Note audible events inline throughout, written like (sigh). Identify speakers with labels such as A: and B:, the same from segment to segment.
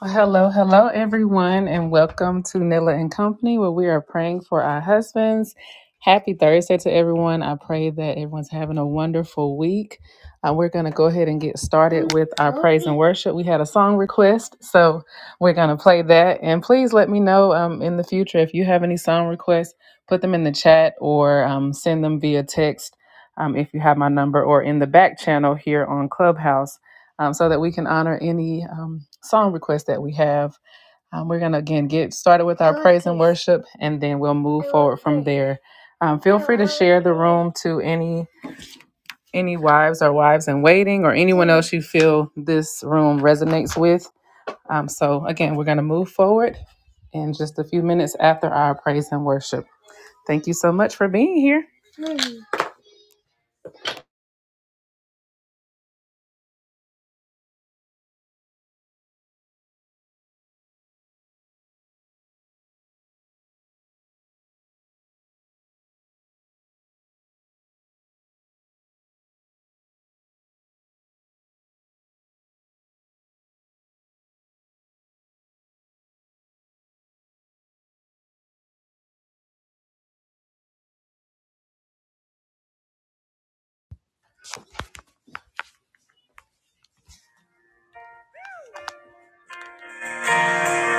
A: Well, Hello, hello, everyone, and welcome to Nilla and Company, where we are praying for our husbands. Happy Thursday to everyone. I pray that everyone's having a wonderful week. Uh, we're going to go ahead and get started with worship. We had a song request, so we're gonna play that. And please let me know um, in the future if you have any song requests. Put them in the chat or um, send them via text um, if you have my number, or in the back channel here on Clubhouse, um, so that we can honor any um, song requests that we have. Um, we're gonna again get started with worship, and then we'll move here. Um, feel room to any any wives or wives in waiting or anyone else you feel this room resonates with Um, so, again, we're going to move forward in just a few minutes after our praise and worship. Thank you so much for being here.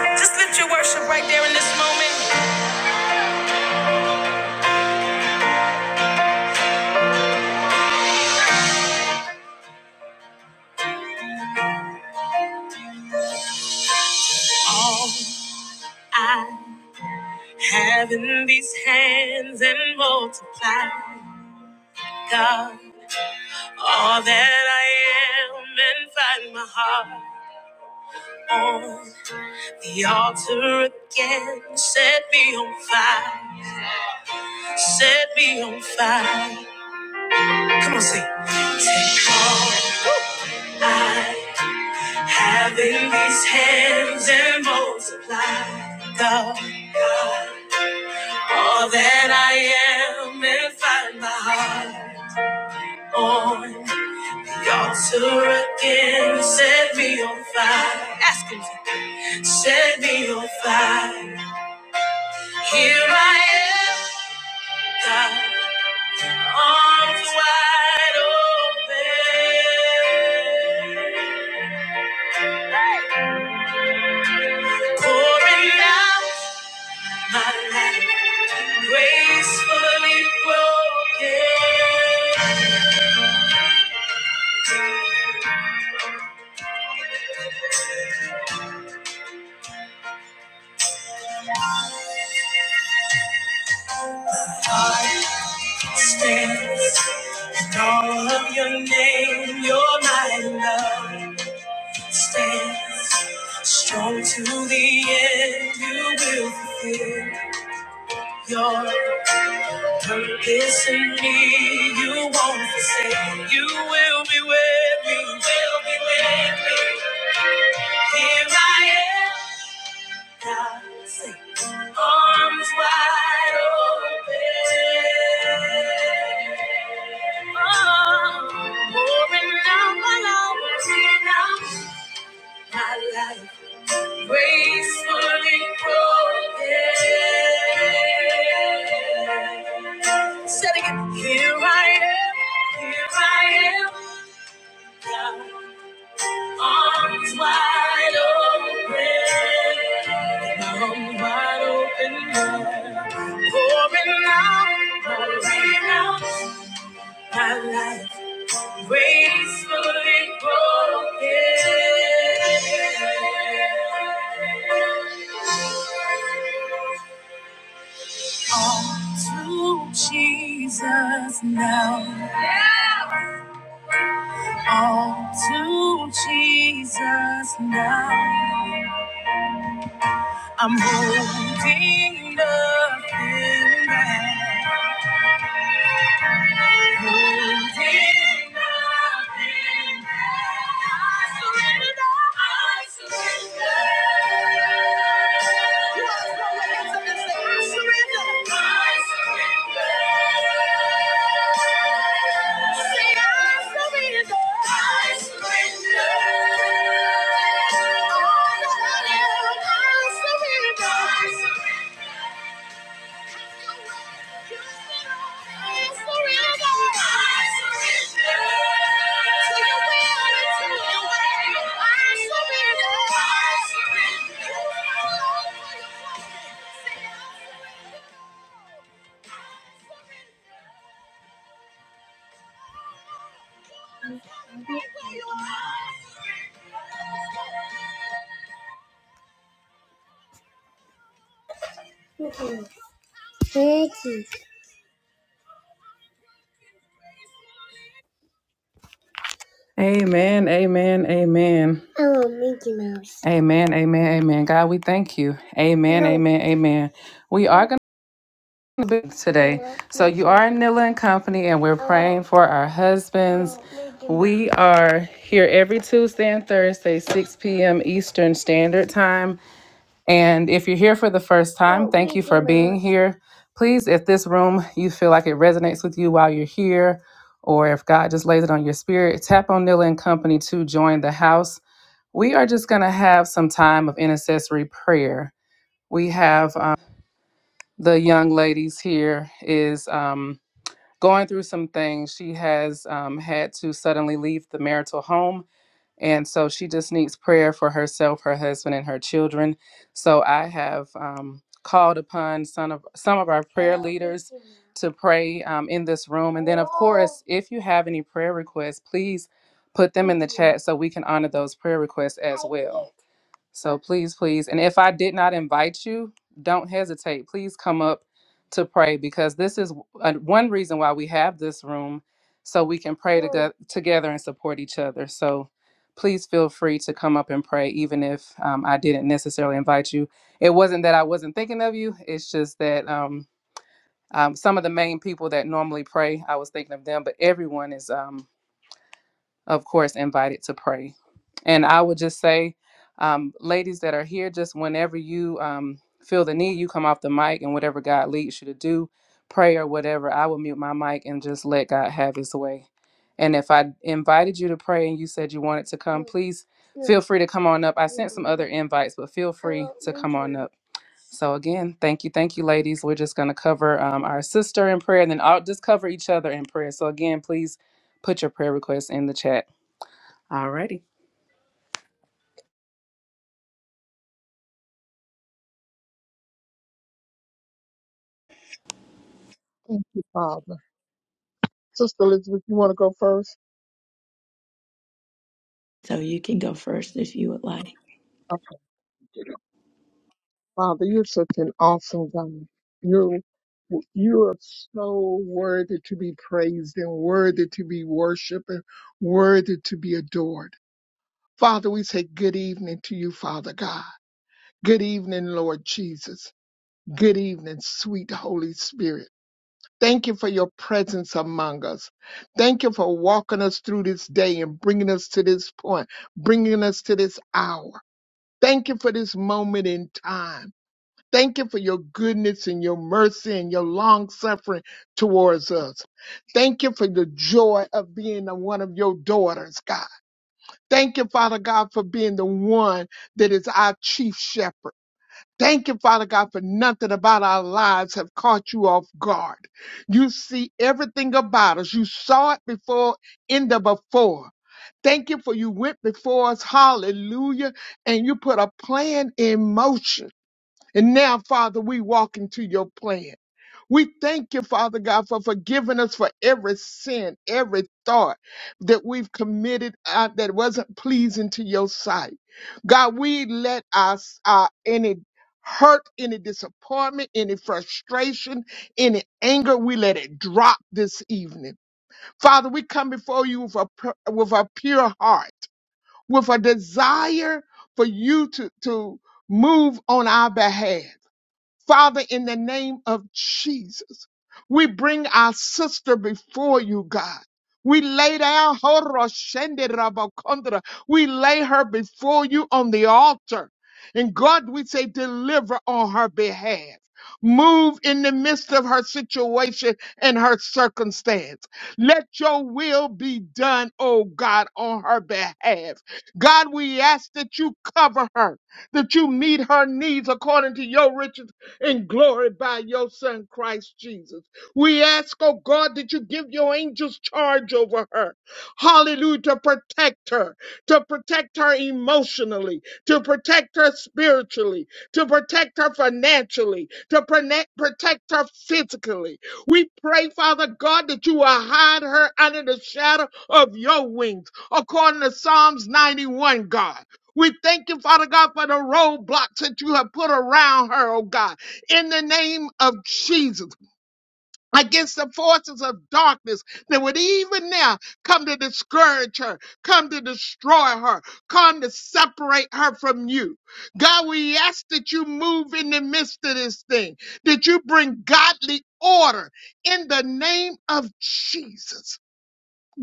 A: Just lift your worship right there in this moment. All I have in these hands and multiply, God, all that I am and find my heart on the altar again. Set me on fire, set me on fire. Come on, sing. All I Having these hands and multiply, God, God, all that I am and find my heart on the altar again. Set me on fire. Ask him to set me on fire. Here I am, God, arms wide open, pouring out. My life gracefully broken. Heart stands in all of your name. You're my love. Stands strong to the end. You will fulfill your purpose in me. You won't forsake. You will be with me. Will be with me. Here I am. Now sing. Arms wide open. Oh, pouring out my love, pouring out my life, gracefully broken. Setting it, here I am, here I am. God. Arms wide open, arms wide open, yeah. pouring out, pouring out my life, gracefully broken. All to Jesus now. Yeah. All to Jesus now. I'm holding nothing back. Holding nothing back. I surrender. I surrender. You wanna throw your hands up and say surrender. Amen, amen, amen, amen, amen, amen. God, we thank you. Amen, amen, amen. We are today. So you are in Nilla and Company, and we're praying for our husband. We are here every Tuesday and Thursday, 6 p.m. Eastern Standard Time. And if you're here for the first time here, please, if this room you feel like it resonates with you while you're here, or if God just lays it on your spirit, tap on Nilla and Company to join the house. We are just going to have some time of intercessory prayer. We have um, the young ladies here is um, going through some things. She has um, had to suddenly leave the marital home. And so she just needs prayer for herself, her husband, and her children. So I have um, called upon some of, some of our to pray um, in this room. If you have any prayer requests, please put them in so we can honor those prayer requests. As, so please, please. And if I did not invite you, don't hesitate. Please come up to pray because this is uh, one reason why we have this room so we can pray uh, together and support each other. So please feel free to come up and pray, even if um, I didn't necessarily invite you. It wasn't that I wasn't thinking of you, it's just that um, um, some of the main people that normally pray, I was thinking of them, but everyone is. Um, of course, invited to pray. And I would just say, um, ladies that are here, just whenever you um, feel the need, you come off the mic and whatever God leads you to do, pray or whatever, I will mute my mic and just let God have his way. And if I invited you to pray and you said you wanted to come, please feel free to come on up. I other invites, but feel free. Up. So again, thank you, thank you, ladies. We're just going to cover um, our sister in prayer, and then I'll just cover each other in prayer. So again, please put your prayer requests in the chat. Alrighty.
B: Thank you, Father. Sister Elizabeth, you want to go first?
C: So you can go first if you would like.
B: Okay. Father, you're such an awesome God. You're you are so worthy to be praised and worthy to be worshipped and worthy to be adored. Father, we say good evening to you, Father God. Good evening, Lord Jesus. Good evening, sweet Holy Spirit. Thank you for your presence among us. Thank you for walking us through this day and bringing us to this point, bringing us to this hour. Thank you for this moment in time. Thank you for your goodness and your mercy and your long suffering towards us. Thank you for the joy of being a- one of your daughters, God. Thank you, Father God, for being the one that is our chief shepherd. Thank you, Father God, for nothing about our lives have caught you off guard. You see everything about us. You saw it before, in the before. Thank you for you went before us. Hallelujah. And you put a plan in motion. And now, Father, we walk into your plan. We thank you, Father God, for forgiving us for every sin, every thought that we've committed uh, that wasn't pleasing to your sight. God, we let us uh, any hurt, any disappointment, any frustration, any anger, we let it drop this evening. Father, we come before you with a pur- with a pure heart, with a desire for you to to move on our behalf. Father, in the name of Jesus, we bring our sister before you, God. We lay down, Horoshende Rabakondra. we lay her before you on the altar. And God, we say, deliver on her behalf. Move in the midst of her situation and her circumstance. Let your will be done, oh God, on her behalf. God, we ask that you cover her that you meet her needs according to your riches and glory by your Son, Christ Jesus. We ask, oh God, that you give your angels charge over her. Hallelujah, to protect her, to protect her emotionally, to protect her spiritually, to protect her financially, to prone- protect her physically. We pray, Father God, that you will hide her under the shadow of your wings, according to Psalms 91, God. We thank you, Father God, for the roadblocks that you have put around her, oh God in the name of Jesus against the forces of darkness that would even now come to discourage her, come to destroy her, come to separate her from you. God, we ask that you move in the midst of this thing, that you bring godly order in the name of Jesus.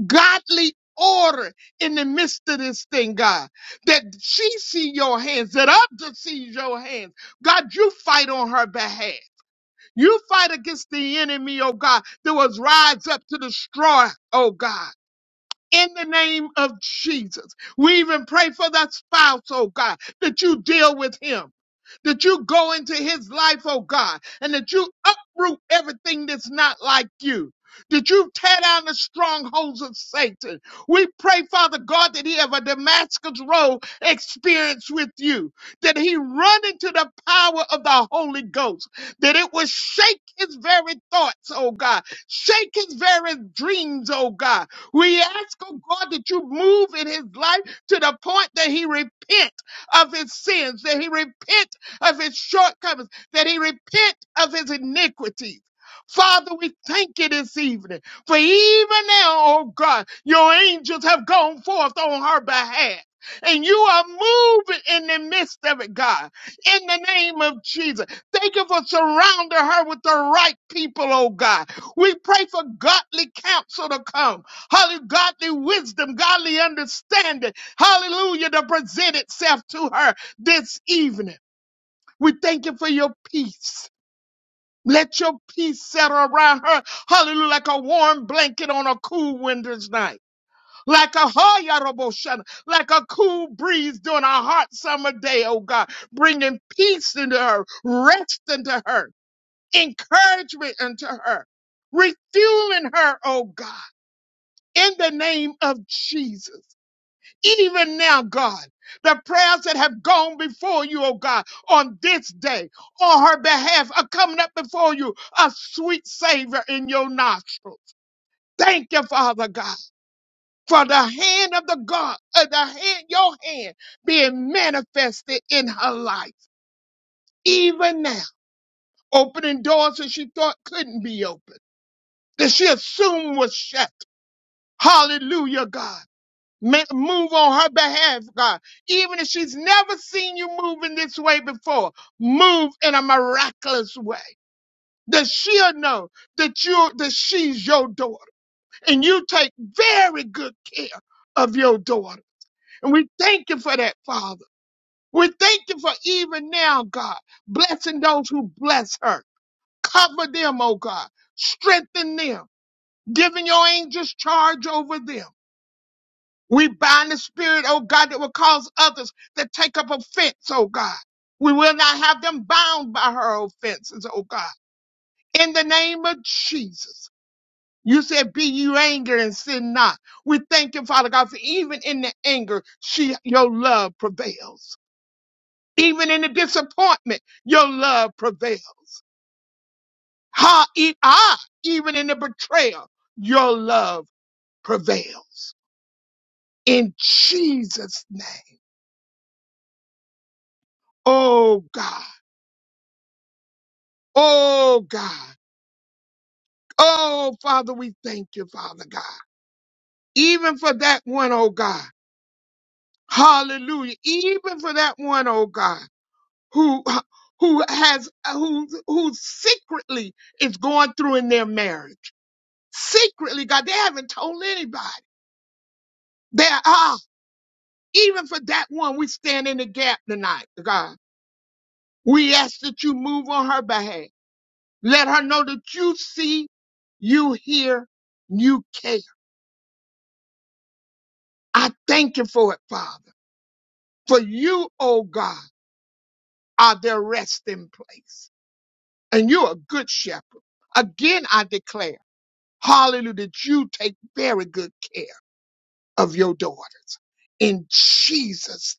B: Godly order in the midst of this thing, God, that she see your hands, that others see your hands. God, you fight on her behalf. You fight against the enemy, oh God, that was rise up to destroy, oh God. In the name of Jesus, we even pray for that spouse, oh God, that you deal with him that you go into his life, oh God, and that you uproot everything that's not like you. That you tear down the strongholds of Satan. We pray, Father God, that he have a Damascus Road experience with you, that he run into the power of the Holy Ghost, that it will shake his very thoughts, oh God, shake his very dreams, oh God. We ask, oh God, that you move in his life to the point that he repent of his sins, that he repent of his shortcomings, that he repent of his iniquities. Father, we thank you this evening for even now, oh God, your angels have gone forth on her behalf. And you are moving in the midst of it, God, in the name of Jesus. Thank you for surrounding her with the right people, oh God. We pray for godly counsel to come, hallelujah, godly wisdom, godly understanding, hallelujah, to present itself to her this evening. We thank you for your peace. Let your peace settle around her. Hallelujah. Like a warm blanket on a cool winter's night. Like a hoyaraboshan, like a cool breeze during a hot summer day, oh God. Bringing peace into her, rest into her, encouragement into her, refueling her, oh God. In the name of Jesus even now, God, the prayers that have gone before you, oh God, on this day, on her behalf, are coming up before you, a sweet savor in your nostrils. Thank you, Father God, for the hand of the God, uh, the hand, your hand being manifested in her life, even now, opening doors that she thought couldn't be opened, that she assumed was shut. Hallelujah, God. ma- move on her behalf, God. Even if she's never seen you move in this way before, move in a miraculous way. That she'll know that you that she's your daughter, and you take very good care of your daughter. And we thank you for that, Father. We thank you for even now, God, blessing those who bless her. Cover them, oh God. Strengthen them. Giving your angels charge over them We bind the spirit, oh God, that will cause others to take up offense, oh God. We will not have them bound by her offenses, oh God. In the name of Jesus. You said, be you angry and sin not. We thank you, Father God, for even in the anger, she, your love prevails. Even in the disappointment, your love prevails. Ha, e, ah, even in the betrayal, your love prevails. In Jesus' name. Oh God. Oh God. Oh Father, we thank you, Father God. Even for that one, oh God. Hallelujah. Even for that one, oh God, who who has who who secretly is going through in their marriage. Secretly, God, they haven't told anybody. They are ah, even for that one, we stand in the gap tonight, God. We ask that you move on her behalf. Let her know that you see, you hear, you care I thank you for it, Father. For you, oh God, are their resting place. And you're a good shepherd. Again, I declare, hallelujah, that you take very good care of your daughters. In Jesus'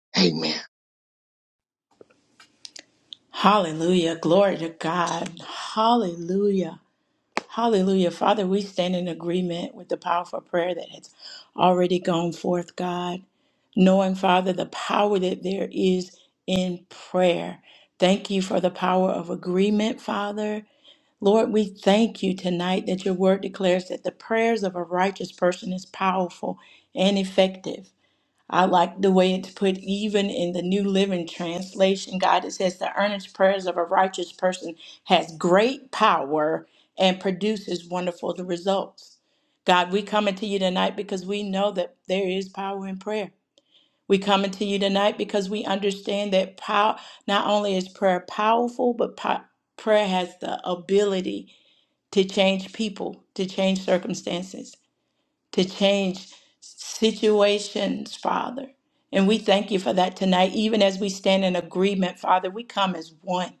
B: name, amen.
C: Hallelujah. Glory to God. Hallelujah. Hallelujah. Father, we stand in agreement with the powerful prayer that has already gone forth, God. Knowing, Father, the power that there is in prayer. Thank you for the power of agreement, Father. Lord, we thank you tonight that your word declares that the prayers of a righteous person is powerful and effective. I like the way it's put, even in the New Living Translation, God, it says, The earnest prayers of a righteous person has great power and produces wonderful results. God, we coming to you tonight because we know that there is power in prayer. We coming to you tonight because we understand that power, not only is prayer powerful, but po- prayer has the ability to change people, to change circumstances to change situations, Father. And we thank you for that tonight. Even as we stand in agreement, Father, we come as one.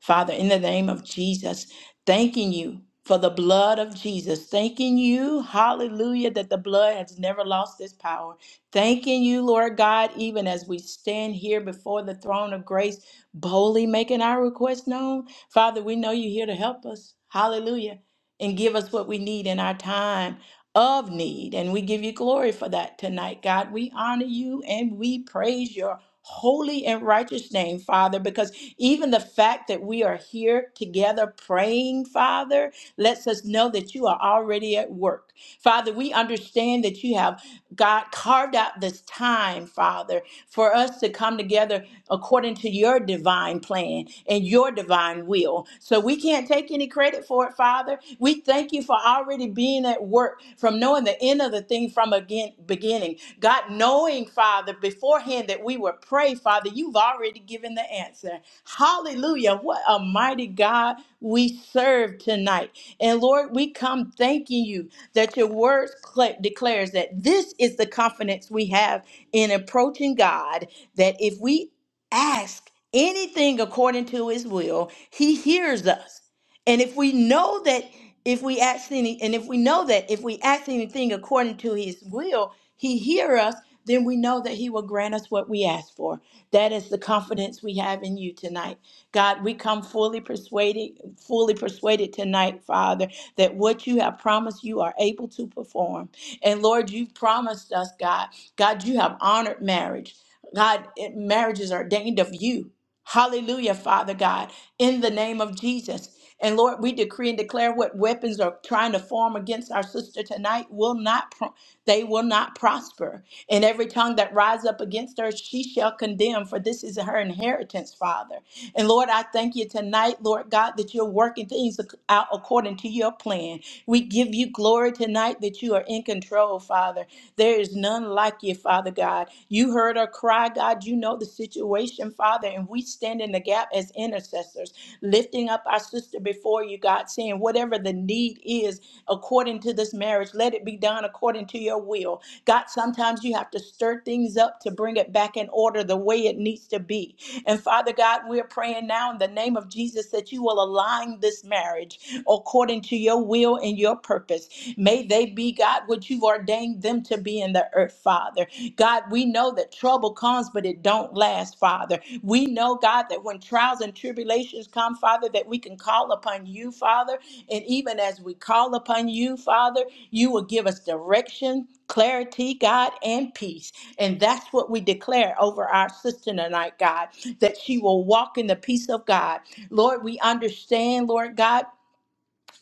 C: Father, in the name of Jesus, thanking you for the blood of Jesus. Thanking you, hallelujah, that the blood has never lost its power. Thanking you, Lord God, even as we stand here before the throne of grace, boldly making our request known. Father, we know you're here to help us. Hallelujah. And give us what we need in our time of need. And we give you glory for that tonight, God. We honor you and we praise your holy and righteous name, Father, because even the fact that we are here together praying, Father, lets us know that you are already at work. Father, we understand that you have. God carved out this time, Father, for us to come together according to your divine plan and your divine will. So we can't take any credit for it, Father. We thank you for already being at work, from knowing the end of the thing from again beginning. God, knowing, Father, beforehand that we would pray, Father, you've already given the answer. Hallelujah. What a mighty God we serve tonight. And Lord, we come thanking you that your word cla- declares that this is the confidence we have in approaching God, that if we ask anything according to his will, he hears us. And if we know that if we ask any and if we know that if we ask anything according to his will, he hear us, then we know that he will grant us what we ask for. That is the confidence we have in you tonight. God, we come fully persuaded, fully persuaded tonight, Father, that what you have promised you are able to perform. And Lord, you've promised us, God. God, you have honored marriage. God, it- marriage is ordained of you. Hallelujah, Father God, in the name of Jesus. And Lord, we decree and declare what weapons are trying to form against our sister tonight will not pro- they will not prosper. And every tongue that rise up against her, she shall condemn, for this is her inheritance, Father. And Lord, I thank you tonight, Lord God, that you're working things ac- out according to your plan. We give you glory tonight that you are in control, Father. There is none like you, Father God. You heard her cry, God. You know the situation situation, Father, and we stand in the gap as intercessors, lifting up our sister before you, God, saying, whatever the need is according to this marriage, let it be done according to your will. God, sometimes you have to stir things up to bring it back in order the way it needs to be. And Father God, we're praying now in the name of Jesus that you will align this marriage according to your will and your purpose. May they be, God, what you've ordained ordained them to be in the earth, Father. God, we know that trouble comes, but it don't last, Father. We know, God, that when trials and tribulations come, Father, that we can call upon you, Father. And even as we call upon you, Father, you will give us direction, clarity, God, and peace. And that's what we declare over our sister tonight, God, that she will walk in the peace of God. Lord, we understand, Lord God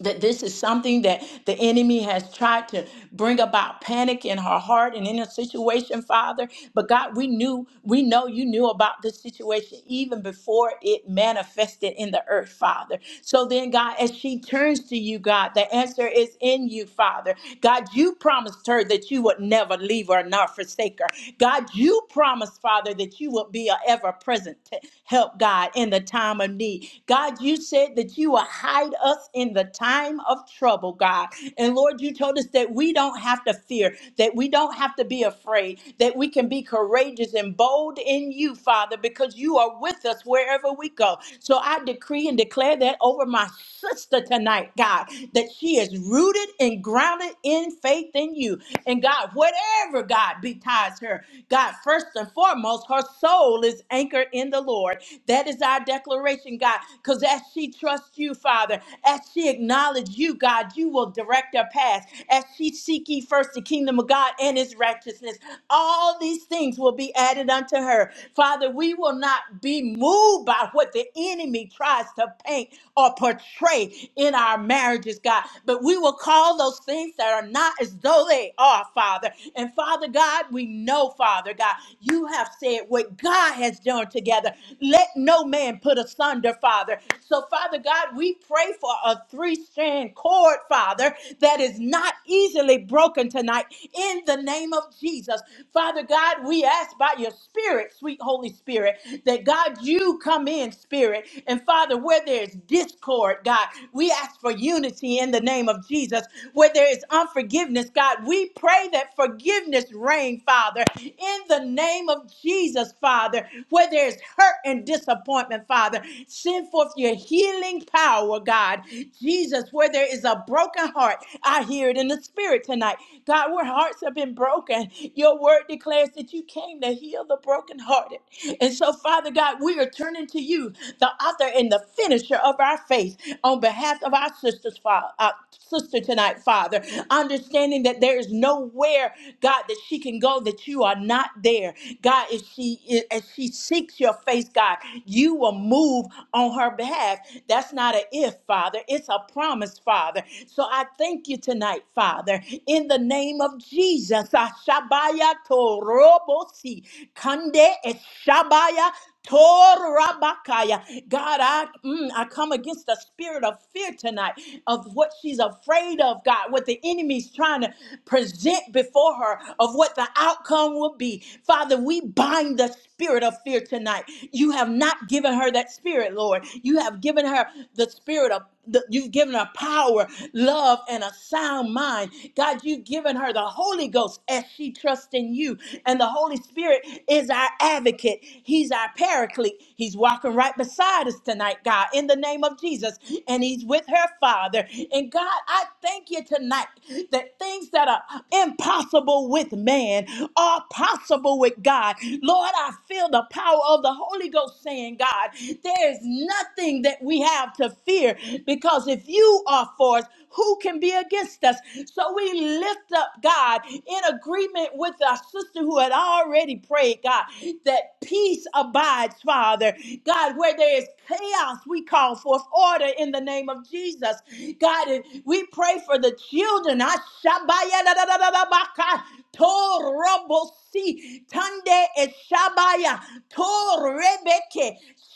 C: that this is something that the enemy has tried to bring about panic in her heart and in her situation, Father. But God, we knew, we know you knew about this situation even before it manifested in the earth, Father. So then, God, as she turns to you, God, the answer is in you, Father. God, you promised her that you would never leave her nor forsake her. God, you promised, Father, that you would be an ever present help, God, in the time of need. God, you said that that you will hide us in the time of trouble, God. And Lord, you told us that we don't have to fear, that we don't have to be afraid, that we can be courageous and bold in you, Father, because you are with us wherever we go. So I decree and declare that over my sister tonight, God, that she is rooted and grounded in faith in you. And God, whatever God betides her, God, first and foremost, her soul is anchored in the Lord. That is our declaration declaration, God, because as she trusts you, Father, as she acknowledges you, God, you will direct her path. As she seek ye first the kingdom of God and his righteousness, all these things will be added unto her. Father, we will not be moved by what the enemy tries to paint or portray in our marriages, God, but we will call those things that are not as though they are, Father. And Father God, we know, Father God, you have said what God has done to together. Let no man put asunder, Father. So, Father God, we pray for a three strand cord, Father, that is not easily broken tonight in the name of Jesus. Father God, we ask by your Spirit, sweet Holy Spirit, that God, you come in, Spirit. And Father, where there's discord, God, we ask for unity in the name of Jesus. Where there is unforgiveness, God, we pray that forgiveness reign, Father, in the name of of Jesus, Father, where there's hurt and disappointment, Father, send forth your healing power, God. Jesus, where there is a broken heart, I hear it in the spirit tonight. God, where hearts have been broken, your word declares that you came to heal the brokenhearted. And so, Father God, we are turning to you, the author and the finisher of our faith, on behalf of our sisters, Father, uh, sister tonight, Father, understanding that there is nowhere, God, that she can go know that you are not there. God, if she if she seeks your face, God, you will move on her behalf. That's not an if, Father. It's a promise, Father. So I thank you tonight, Father, in the name of Jesus. Ashabaya torobosi kande eshabaya Torabakaya. God, I, mm, I come against the spirit of fear tonight of what she's afraid of, God, what the enemy's trying to present before her, of what the outcome will be. Father, we bind the spirit of fear tonight. You have not given her that spirit, Lord. You have given her the spirit of the, you've given her power, love, and a sound mind. God, you've given her the Holy Ghost as she trusts in you. And the Holy Spirit is our advocate advocate. He's our paraclete. He's walking right beside us tonight, God, in the name of Jesus. And he's with her father. And God, I thank you tonight that things that are impossible with man are possible with God. Lord, I feel the power of the Holy Ghost saying, God, there is nothing that we have to fear because if you are for us, who can be against us? So we lift up, God, in agreement with our sister who had already prayed, God, that peace abides, Father. God, where there is chaos, we call forth order in the name of Jesus. God, and we pray for the children. Ashabayadadadadabaka, torobosi, Tande eshabaya, torebeke,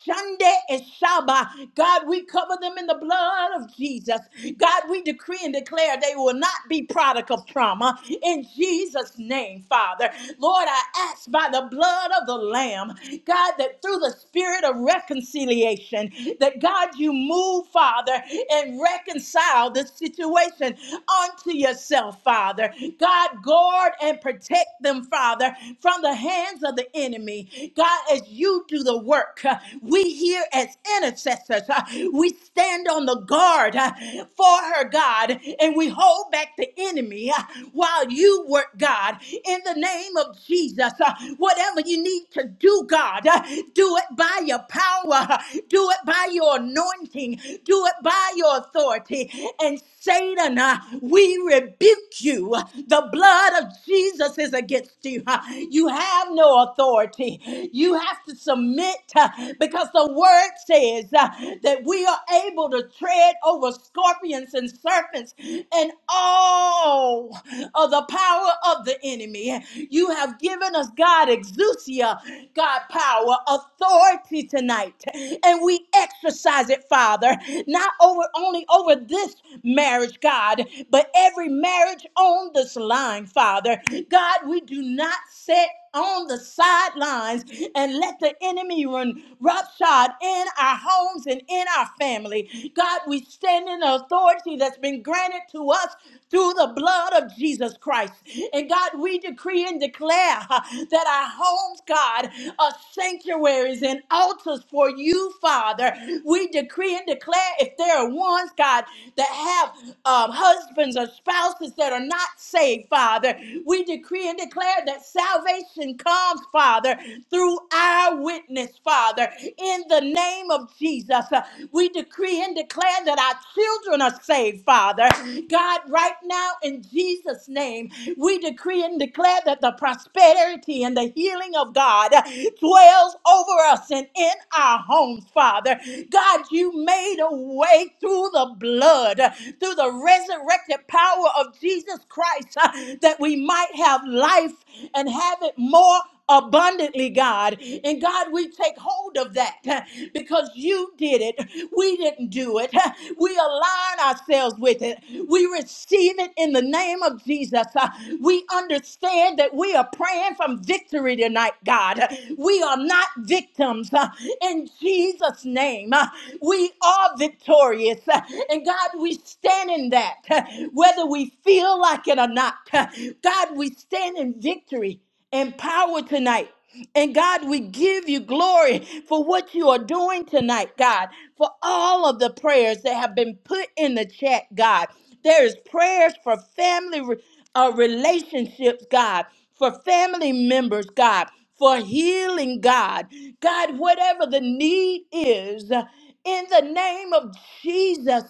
C: Shande eshaba. God, we cover them in the blood of Jesus. God, we we decree and declare they will not be product of trauma in Jesus' name, Father. Lord, I ask by the blood of the Lamb, God, that through the spirit of reconciliation, that God, you move, Father, and reconcile this situation unto yourself, Father. God, guard and protect them, Father, from the hands of the enemy. God, as you do the work, uh, we here as intercessors, uh, we stand on the guard uh, for her, word, God, and we hold back the enemy uh, while you work, God, in the name of Jesus. Uh, Whatever you need to do, God, uh, do it by your power, uh, do it by your anointing, do it by your authority, and Satan, uh, we rebuke you. The blood of Jesus is against you. Uh, You have no authority. You have to submit uh, because the word says uh, that we are able to tread over scorpions and serpents and all of the power of the enemy. You have given us, God, exousia, God, power, authority tonight, and we exercise it, Father. Father, not over only over this marriage, God, but every marriage on this line, Father. God, we do not sit on the sidelines and let the enemy run roughshod in our homes and in our family. God, we stand in the authority that's been granted to us through the blood of Jesus Christ. And God, we decree and declare huh, that our homes, God, are sanctuaries and altars for you, Father. We decree and declare if there are ones, God, that have um, husbands or spouses that are not saved, Father, we decree and declare that salvation comes, Father, through our witness, Father, in the name of Jesus. Uh, We decree and declare that our children are saved, Father. God, right now, in Jesus' name, we decree and declare that the prosperity and the healing of God God, dwells over us and in our homes, Father. God, you made a way through the blood, through the resurrected power of Jesus Christ, uh, that we might have life and have it more abundantly, God. And God, we take hold of that uh, because you did it. We didn't do it. Uh, We align ourselves with it. We receive it in the name of Jesus. Uh, We understand declare that we are praying from victory tonight, God. We are not victims uh, in Jesus' name. Uh, We are victorious. Uh, And God, we stand in that, uh, whether we feel like it or not. Uh, God, we stand in victory and power tonight. And God, we give you glory for what you are doing tonight, God, for all of the prayers that have been put in the chat, God. There is prayers for family uh, relationships, God, for family members, God, for healing, God. God, whatever the need is, uh, in the name of Jesus,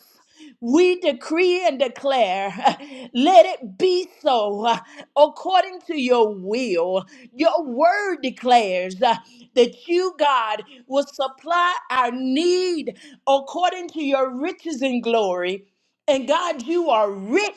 C: we decree and declare, (laughs) let it be so uh, according to your will. Your word declares uh, that you, God, will supply our need according to your riches and glory. And God, you are rich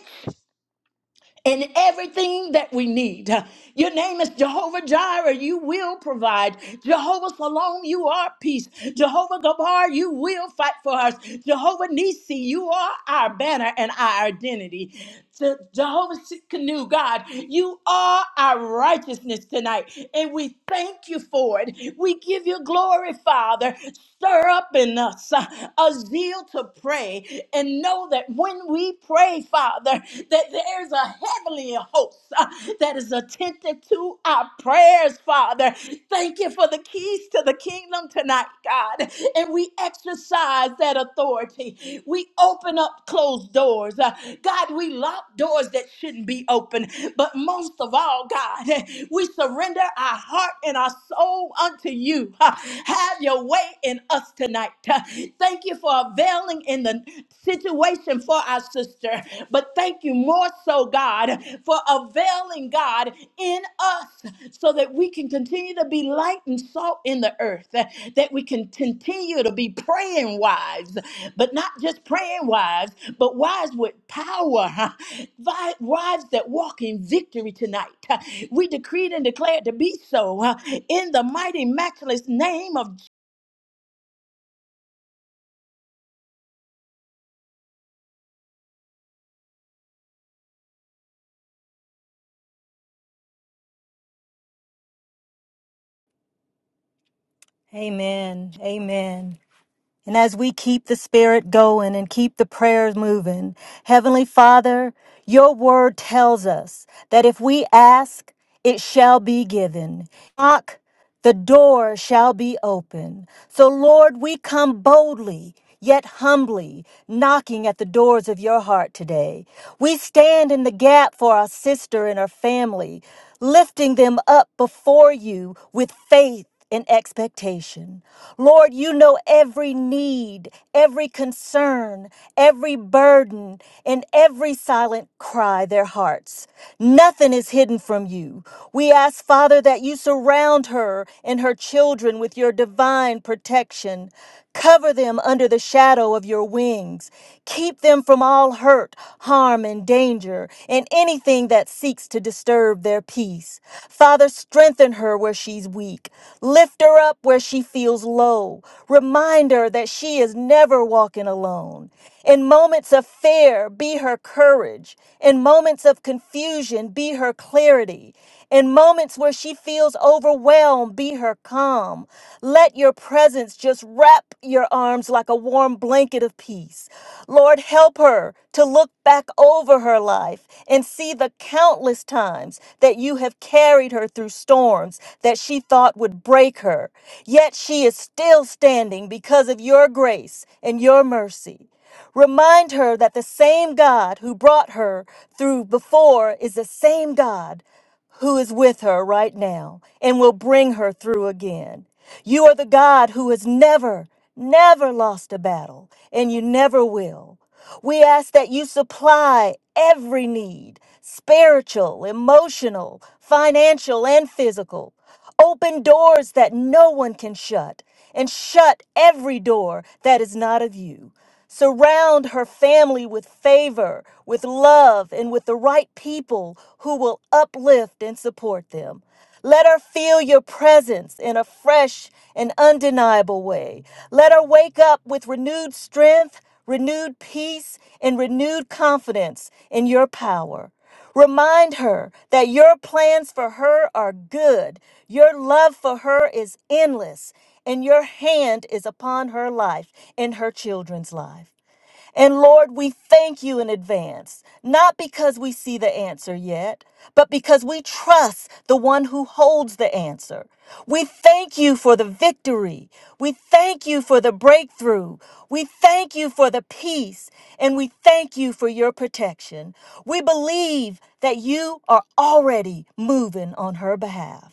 C: and everything that we need. Your name is Jehovah Jireh. You will provide. Jehovah Salom, you are peace. Jehovah Gabar, you will fight for us. Jehovah Nisi, you are our banner and our identity. Je- Jehovah Sikkenu, God, you are our righteousness tonight, and we thank you for it. We give you glory, Father. Stir up in us uh, our zeal to pray and know that when we pray, Father, that there's a heavenly host uh, that is attentive to our prayers, Father. Thank you for the keys to the kingdom tonight, God. And we exercise that authority. We open up closed doors. Uh, God, we lock doors that shouldn't be open. But most of all, God, (laughs) we surrender our heart heart and our soul unto you. Ha. Have your way in us tonight. Ha. Thank you for availing in the situation for our sister, but thank you more so, God, for availing, God, in us so that we can continue to be light and salt in the earth, that we can continue to be praying wives, but not just praying wives, but wives with power. (laughs) vi- wives that walk in victory tonight. (laughs) Uh, We decreed and declared to be so uh, in the mighty, matchless name of
D: Amen. Amen. And as we keep the spirit going and keep the prayers moving, Heavenly Father, your word tells us that if we ask, it shall be given. Knock, the door shall be open. So, Lord, we come boldly. Yet humbly knocking at the doors of your heart today. We stand in the gap for our sister and her family, lifting them up before you with faith in expectation. Lord, you know every need, every concern, every burden, and every silent cry their hearts. Nothing is hidden from you. We ask, Father, that you surround her and her children with your divine protection. Cover them under the shadow of your wings. Keep them from all from all hurt, harm, and danger, and anything that seeks to disturb their peace. Father, strengthen her where she's weak. Lift her up where she feels low. Remind her that she is never walking alone. In moments of fear, be her courage. In moments of confusion, be her clarity. In moments where she feels overwhelmed, be her calm. Let your presence just wrap your arms like a warm blanket of peace. Lord, help her to look back over her life and see the countless times that you have carried her through storms that she thought would break her. Yet she is still standing because of your grace and your mercy. Remind her that the same God who brought her through before is the same God who is with her right now and will bring her through again. You are the God who has never, never lost a battle, and you never will. We ask that you supply every need spiritual, emotional, financial, and physical. Open doors that no one can shut, and shut every door that is not of you. Surround her family with favor, with love, and with the right people who will uplift and support them. Let her feel your presence in a fresh and undeniable way. Let her wake up with renewed strength, renewed peace, and renewed confidence in your power. Remind her that your plans for her are good, your love for her is endless, and your hand is upon her life and her children's life. And Lord, we thank you in advance, not because we see the answer yet, but because we trust the one who holds the answer. We thank you for the victory. We thank you for the breakthrough. We thank you for the peace. And we thank you for your protection. We believe that you are already moving on her behalf.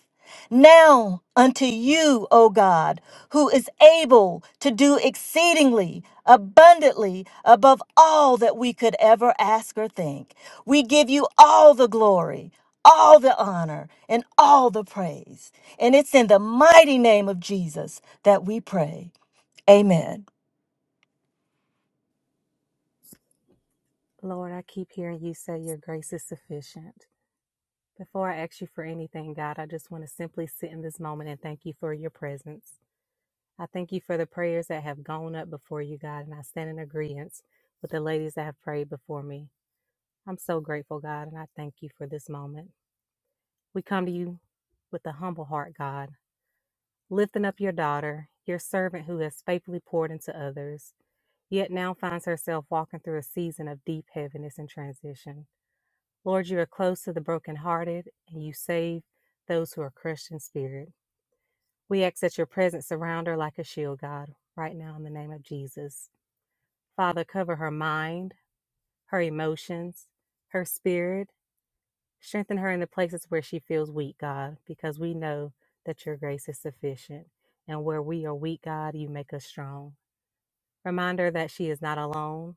D: Now unto you, O God, who is able to do exceedingly abundantly above all that we could ever ask or think, we give you all the glory, all the honor, and all the praise. And it's in the mighty name of Jesus that we pray. Amen.
E: Lord, I keep hearing you say your grace is sufficient. Before I ask you for anything, God, I just want to simply sit in this moment and thank you for your presence. I thank you for the prayers that have gone up before you, God, and I stand in agreement with the ladies that have prayed before me. I'm so grateful, God, and I thank you for this moment. We come to you with a humble heart, God, lifting up your daughter, your servant who has faithfully poured into others, yet now finds herself walking through a season of deep heaviness and transition. Lord, you are close to the brokenhearted, and you save those who are crushed in spirit. We ask that your presence surround her like a shield, God, right now in the name of Jesus. Father, cover her mind, her emotions, her spirit. Strengthen her in the places where she feels weak, God, because we know that your grace is sufficient. And where we are weak, God, you make us strong. Remind her that she is not alone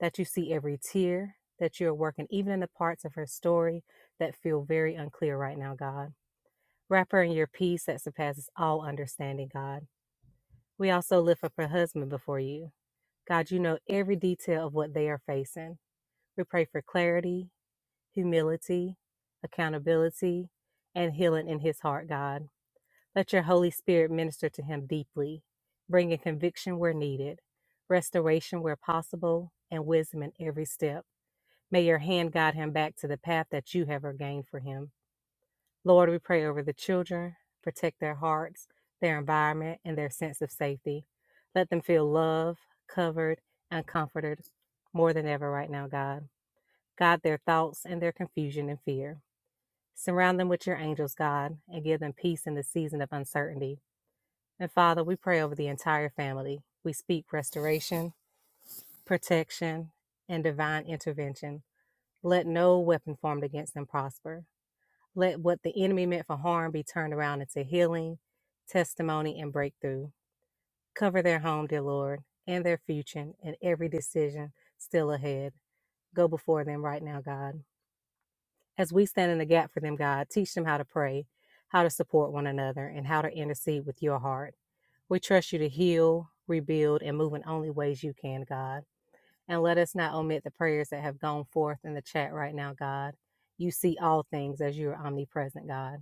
E: that you see every tear that you are working, even in the parts of her story that feel very unclear right now, God. Wrap her in your peace that surpasses all understanding, God. We also lift up her husband before you. God, you know every detail of what they are facing. We pray for clarity, humility, accountability, and healing in his heart, God. Let your Holy Spirit minister to him deeply, bringing conviction where needed, restoration where possible, and wisdom in every step. May your hand guide him back to the path that you have ordained for him. Lord, we pray over the children, protect their hearts, their environment, and their sense of safety. Let them feel loved, covered, and comforted more than ever right now, God. Guide their thoughts and their confusion and fear. Surround them with your angels, God, and give them peace in the season of uncertainty. And Father, we pray over the entire family. We speak restoration, protection, and divine intervention. Let no weapon formed against them prosper. Let what the enemy meant for harm be turned around into healing, testimony, and breakthrough. Cover their home, dear Lord, and their future, and every decision still ahead. Go before them right now, God. As we stand in the gap for them, God, teach them how to pray, how to support one another, and how to intercede with your heart. We trust you to heal, rebuild, and move in only ways you can, God. And let us not omit the prayers that have gone forth in the chat right now, God. You see all things as you are omnipresent, God.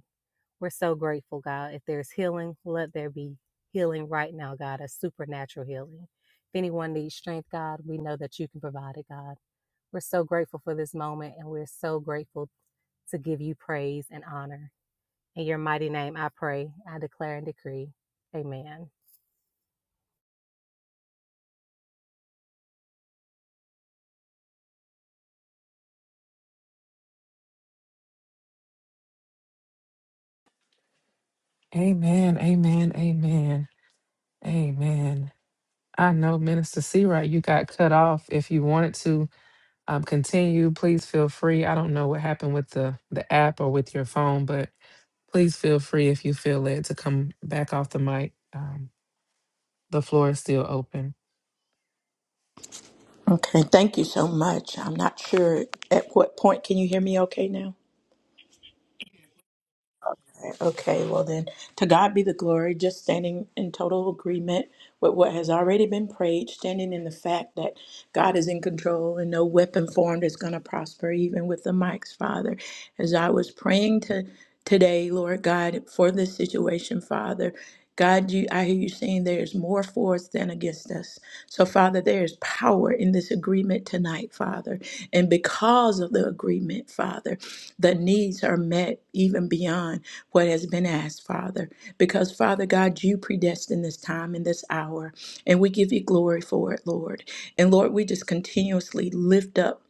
E: We're so grateful, God. If there's healing, let there be healing right now, God, a supernatural healing. If anyone needs strength, God, we know that you can provide it, God. We're so grateful for this moment and we're so grateful to give you praise and honor. In your mighty name, I pray, I declare and decree. Amen.
A: Amen. Amen. Amen. Amen. I know, Minister Seawright, you got cut off. If you wanted to um, continue, please feel free. I don't know what happened with the, the app or with your phone, but please feel free if you feel led to come back off the mic. Um, the floor is still open.
C: Okay, thank you so much. I'm not sure at what point. Can you hear me okay now? Okay, well then, to God be the glory, just standing in total agreement with what has already been prayed, standing in the fact that God is in control and no weapon formed is going to prosper, even with the mics, Father. As I was praying to today, Lord God, for this situation, Father. God, you, I hear you saying there's more for us than against us. So, Father, there is power in this agreement tonight, Father. And because of the agreement, Father, the needs are met even beyond what has been asked, Father, because Father God, you predestined this time and this hour, and we give you glory for it, Lord. And Lord, we just continuously lift up,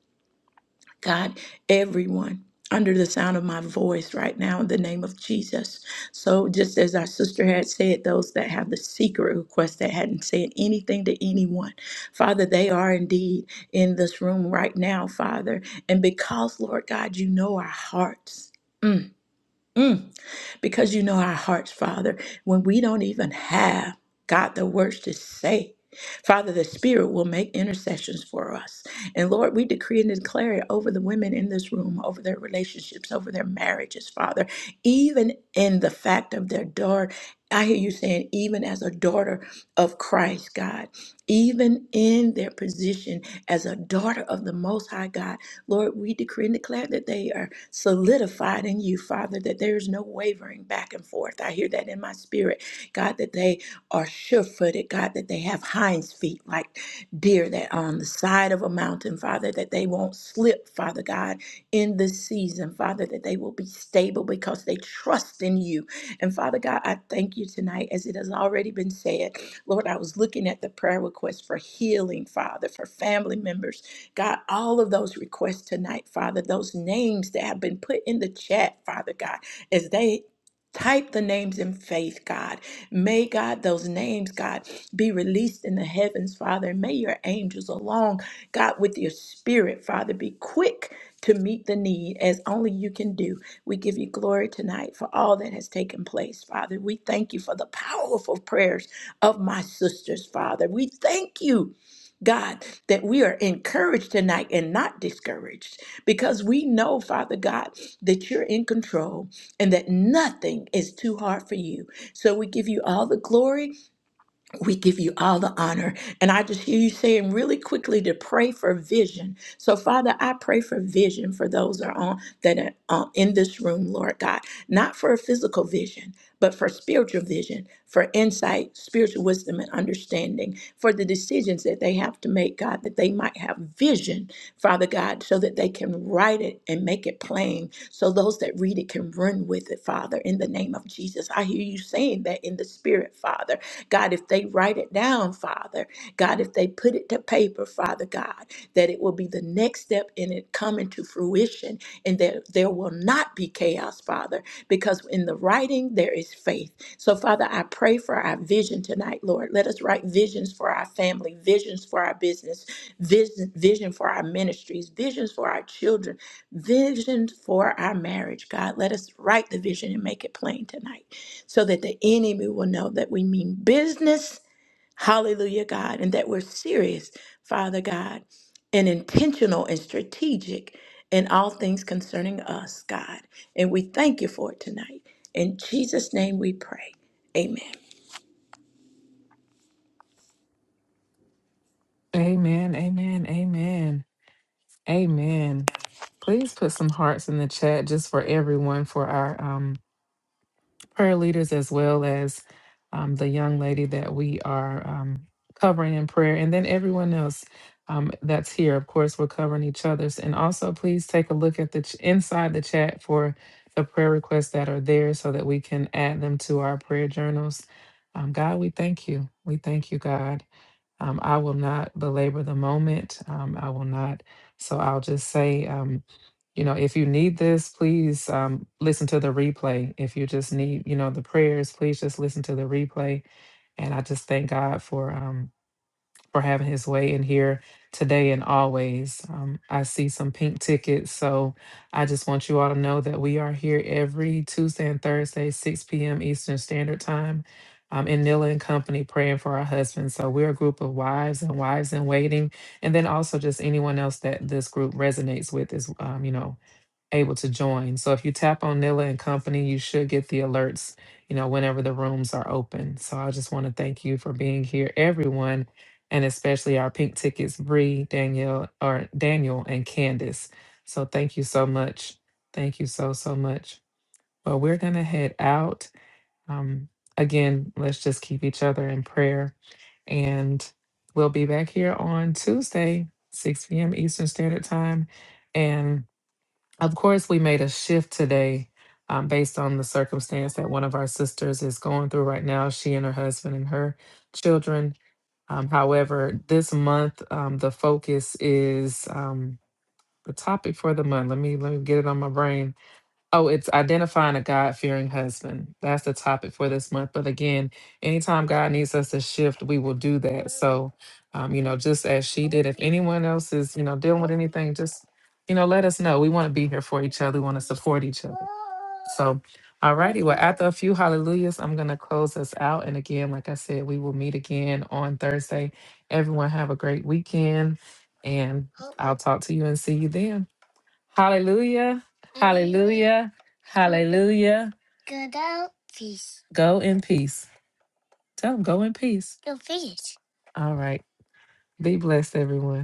C: God, everyone. Under the sound of my voice right now, in the name of Jesus. So, just as our sister had said, those that have the secret request that hadn't said anything to anyone, Father, they are indeed in this room right now, Father. And because, Lord God, you know our hearts. Mm. Mm, because you know our hearts, Father, when we don't even have God the words to say. Father, the Spirit will make intercessions for us. And Lord, we decree and declare it over the women in this room, over their relationships, over their marriages, Father, even in the fact of their daughter. I hear you saying, even as a daughter of Christ, God, even in their position as a daughter of the Most High God. Lord, we decree and declare that they are solidified in you, Father, that there is no wavering back and forth. I hear that in my spirit, God, that they are sure footed, God, that they have hinds feet like deer that are on the side of a mountain, Father, that they won't slip, Father God, in this season, Father, that they will be stable because they trust in you. And Father God, I thank you tonight, as it has already been said. Lord, I was looking at the prayer request for healing, Father, for family members God, all of those requests tonight, Father, those names that have been put in the chat, Father God, as they type the names in faith, God. May God, those names, God, be released in the heavens, Father. And may your angels along, God, with your spirit, Father, be quick to meet the need as only you can do. We give you glory tonight for all that has taken place, Father. We thank you for the powerful prayers of my sisters, Father. We thank you. God, that we are encouraged tonight and not discouraged because we know, Father God, that you're in control and that nothing is too hard for you. So we give you all the glory we give you all the honor. And I just hear you saying really quickly to pray for vision. So, Father, I pray for vision for those that are, on, that are uh, in this room, Lord God, not for a physical vision, but for spiritual vision, for insight, spiritual wisdom, and understanding, for the decisions that they have to make, God, that they might have vision, Father God, so that they can write it and make it plain, so those that read it can run with it, Father, in the name of Jesus. I hear you saying that in the spirit, Father God, if they write it down, Father, God, if they put it to paper, Father God, that it will be the next step in it coming to fruition and that there will not be chaos, Father, because in the writing there is faith. So, Father, I pray for our vision tonight, Lord. Let us write visions for our family, visions for our business, vision, vision for our ministries, visions for our children, visions for our marriage, God. Let us write the vision and make it plain tonight so that the enemy will know that we mean business. Hallelujah, God, and that we're serious, Father God, and intentional and strategic in all things concerning us, God. And we thank you for it tonight. In Jesus' name we pray. Amen.
A: Amen. Amen. Amen. Amen. Please put some hearts in the chat just for everyone for our um, prayer leaders as well as um, the young lady that we are um, covering in prayer, and then everyone else um, that's here. Of course, we're covering each other's. And also, please take a look at the ch- inside the chat for the prayer requests that are there, so that we can add them to our prayer journals. Um, God, we thank you. We thank you, God. Um, I will not belabor the moment. Um, I will not. So I'll just say, um, you know, if you need this, please um, listen to the replay. If you just need, you know, the prayers, please just listen to the replay. And I just thank God for. um, for having his way in here today and always. Um, I see some pink tickets, so I just want you all to know that we are here every Tuesday and Thursday, 6 p.m. Eastern Standard Time. Um, in Nilla and Company praying for our husbands. So we're a group of wives and wives in waiting, and then also just anyone else that this group resonates with is, um, you know, able to join. So if you tap on Nilla and Company, you should get the alerts, you know, whenever the rooms are open. So I just want to thank you for being here, everyone, and especially our pink tickets, Bree, Danielle, or Daniel and Candace. So thank you so much. Thank you so, so much. Well, we're gonna head out. Um, again, let's just keep each other in prayer. And we'll be back here on Tuesday, 6 p.m. Eastern Standard Time. And of course, we made a shift today um, based on the circumstance that one of our sisters is going through right now, she and her husband and her children. Um, however, this month, um, the focus is um, the topic for the month. Let me let me get it on my brain Oh, it's identifying a God fearing husband. That's the topic for this month. But again, anytime God needs us to shift, we will do that. So, um, you know, just as she did, if anyone else is, you know, dealing with anything, just, you know, let us know. We want to be here for each other. We want to support each other. So, alrighty. Well, after a few hallelujahs, I'm going to close us out. And again, like I said, we will meet again on Thursday. Everyone have a great weekend. And I'll talk to you and see you then. Hallelujah. Hallelujah. Hallelujah. Go out peace. Go in peace. Tell them go in peace. Go fish. All right. Be blessed, everyone.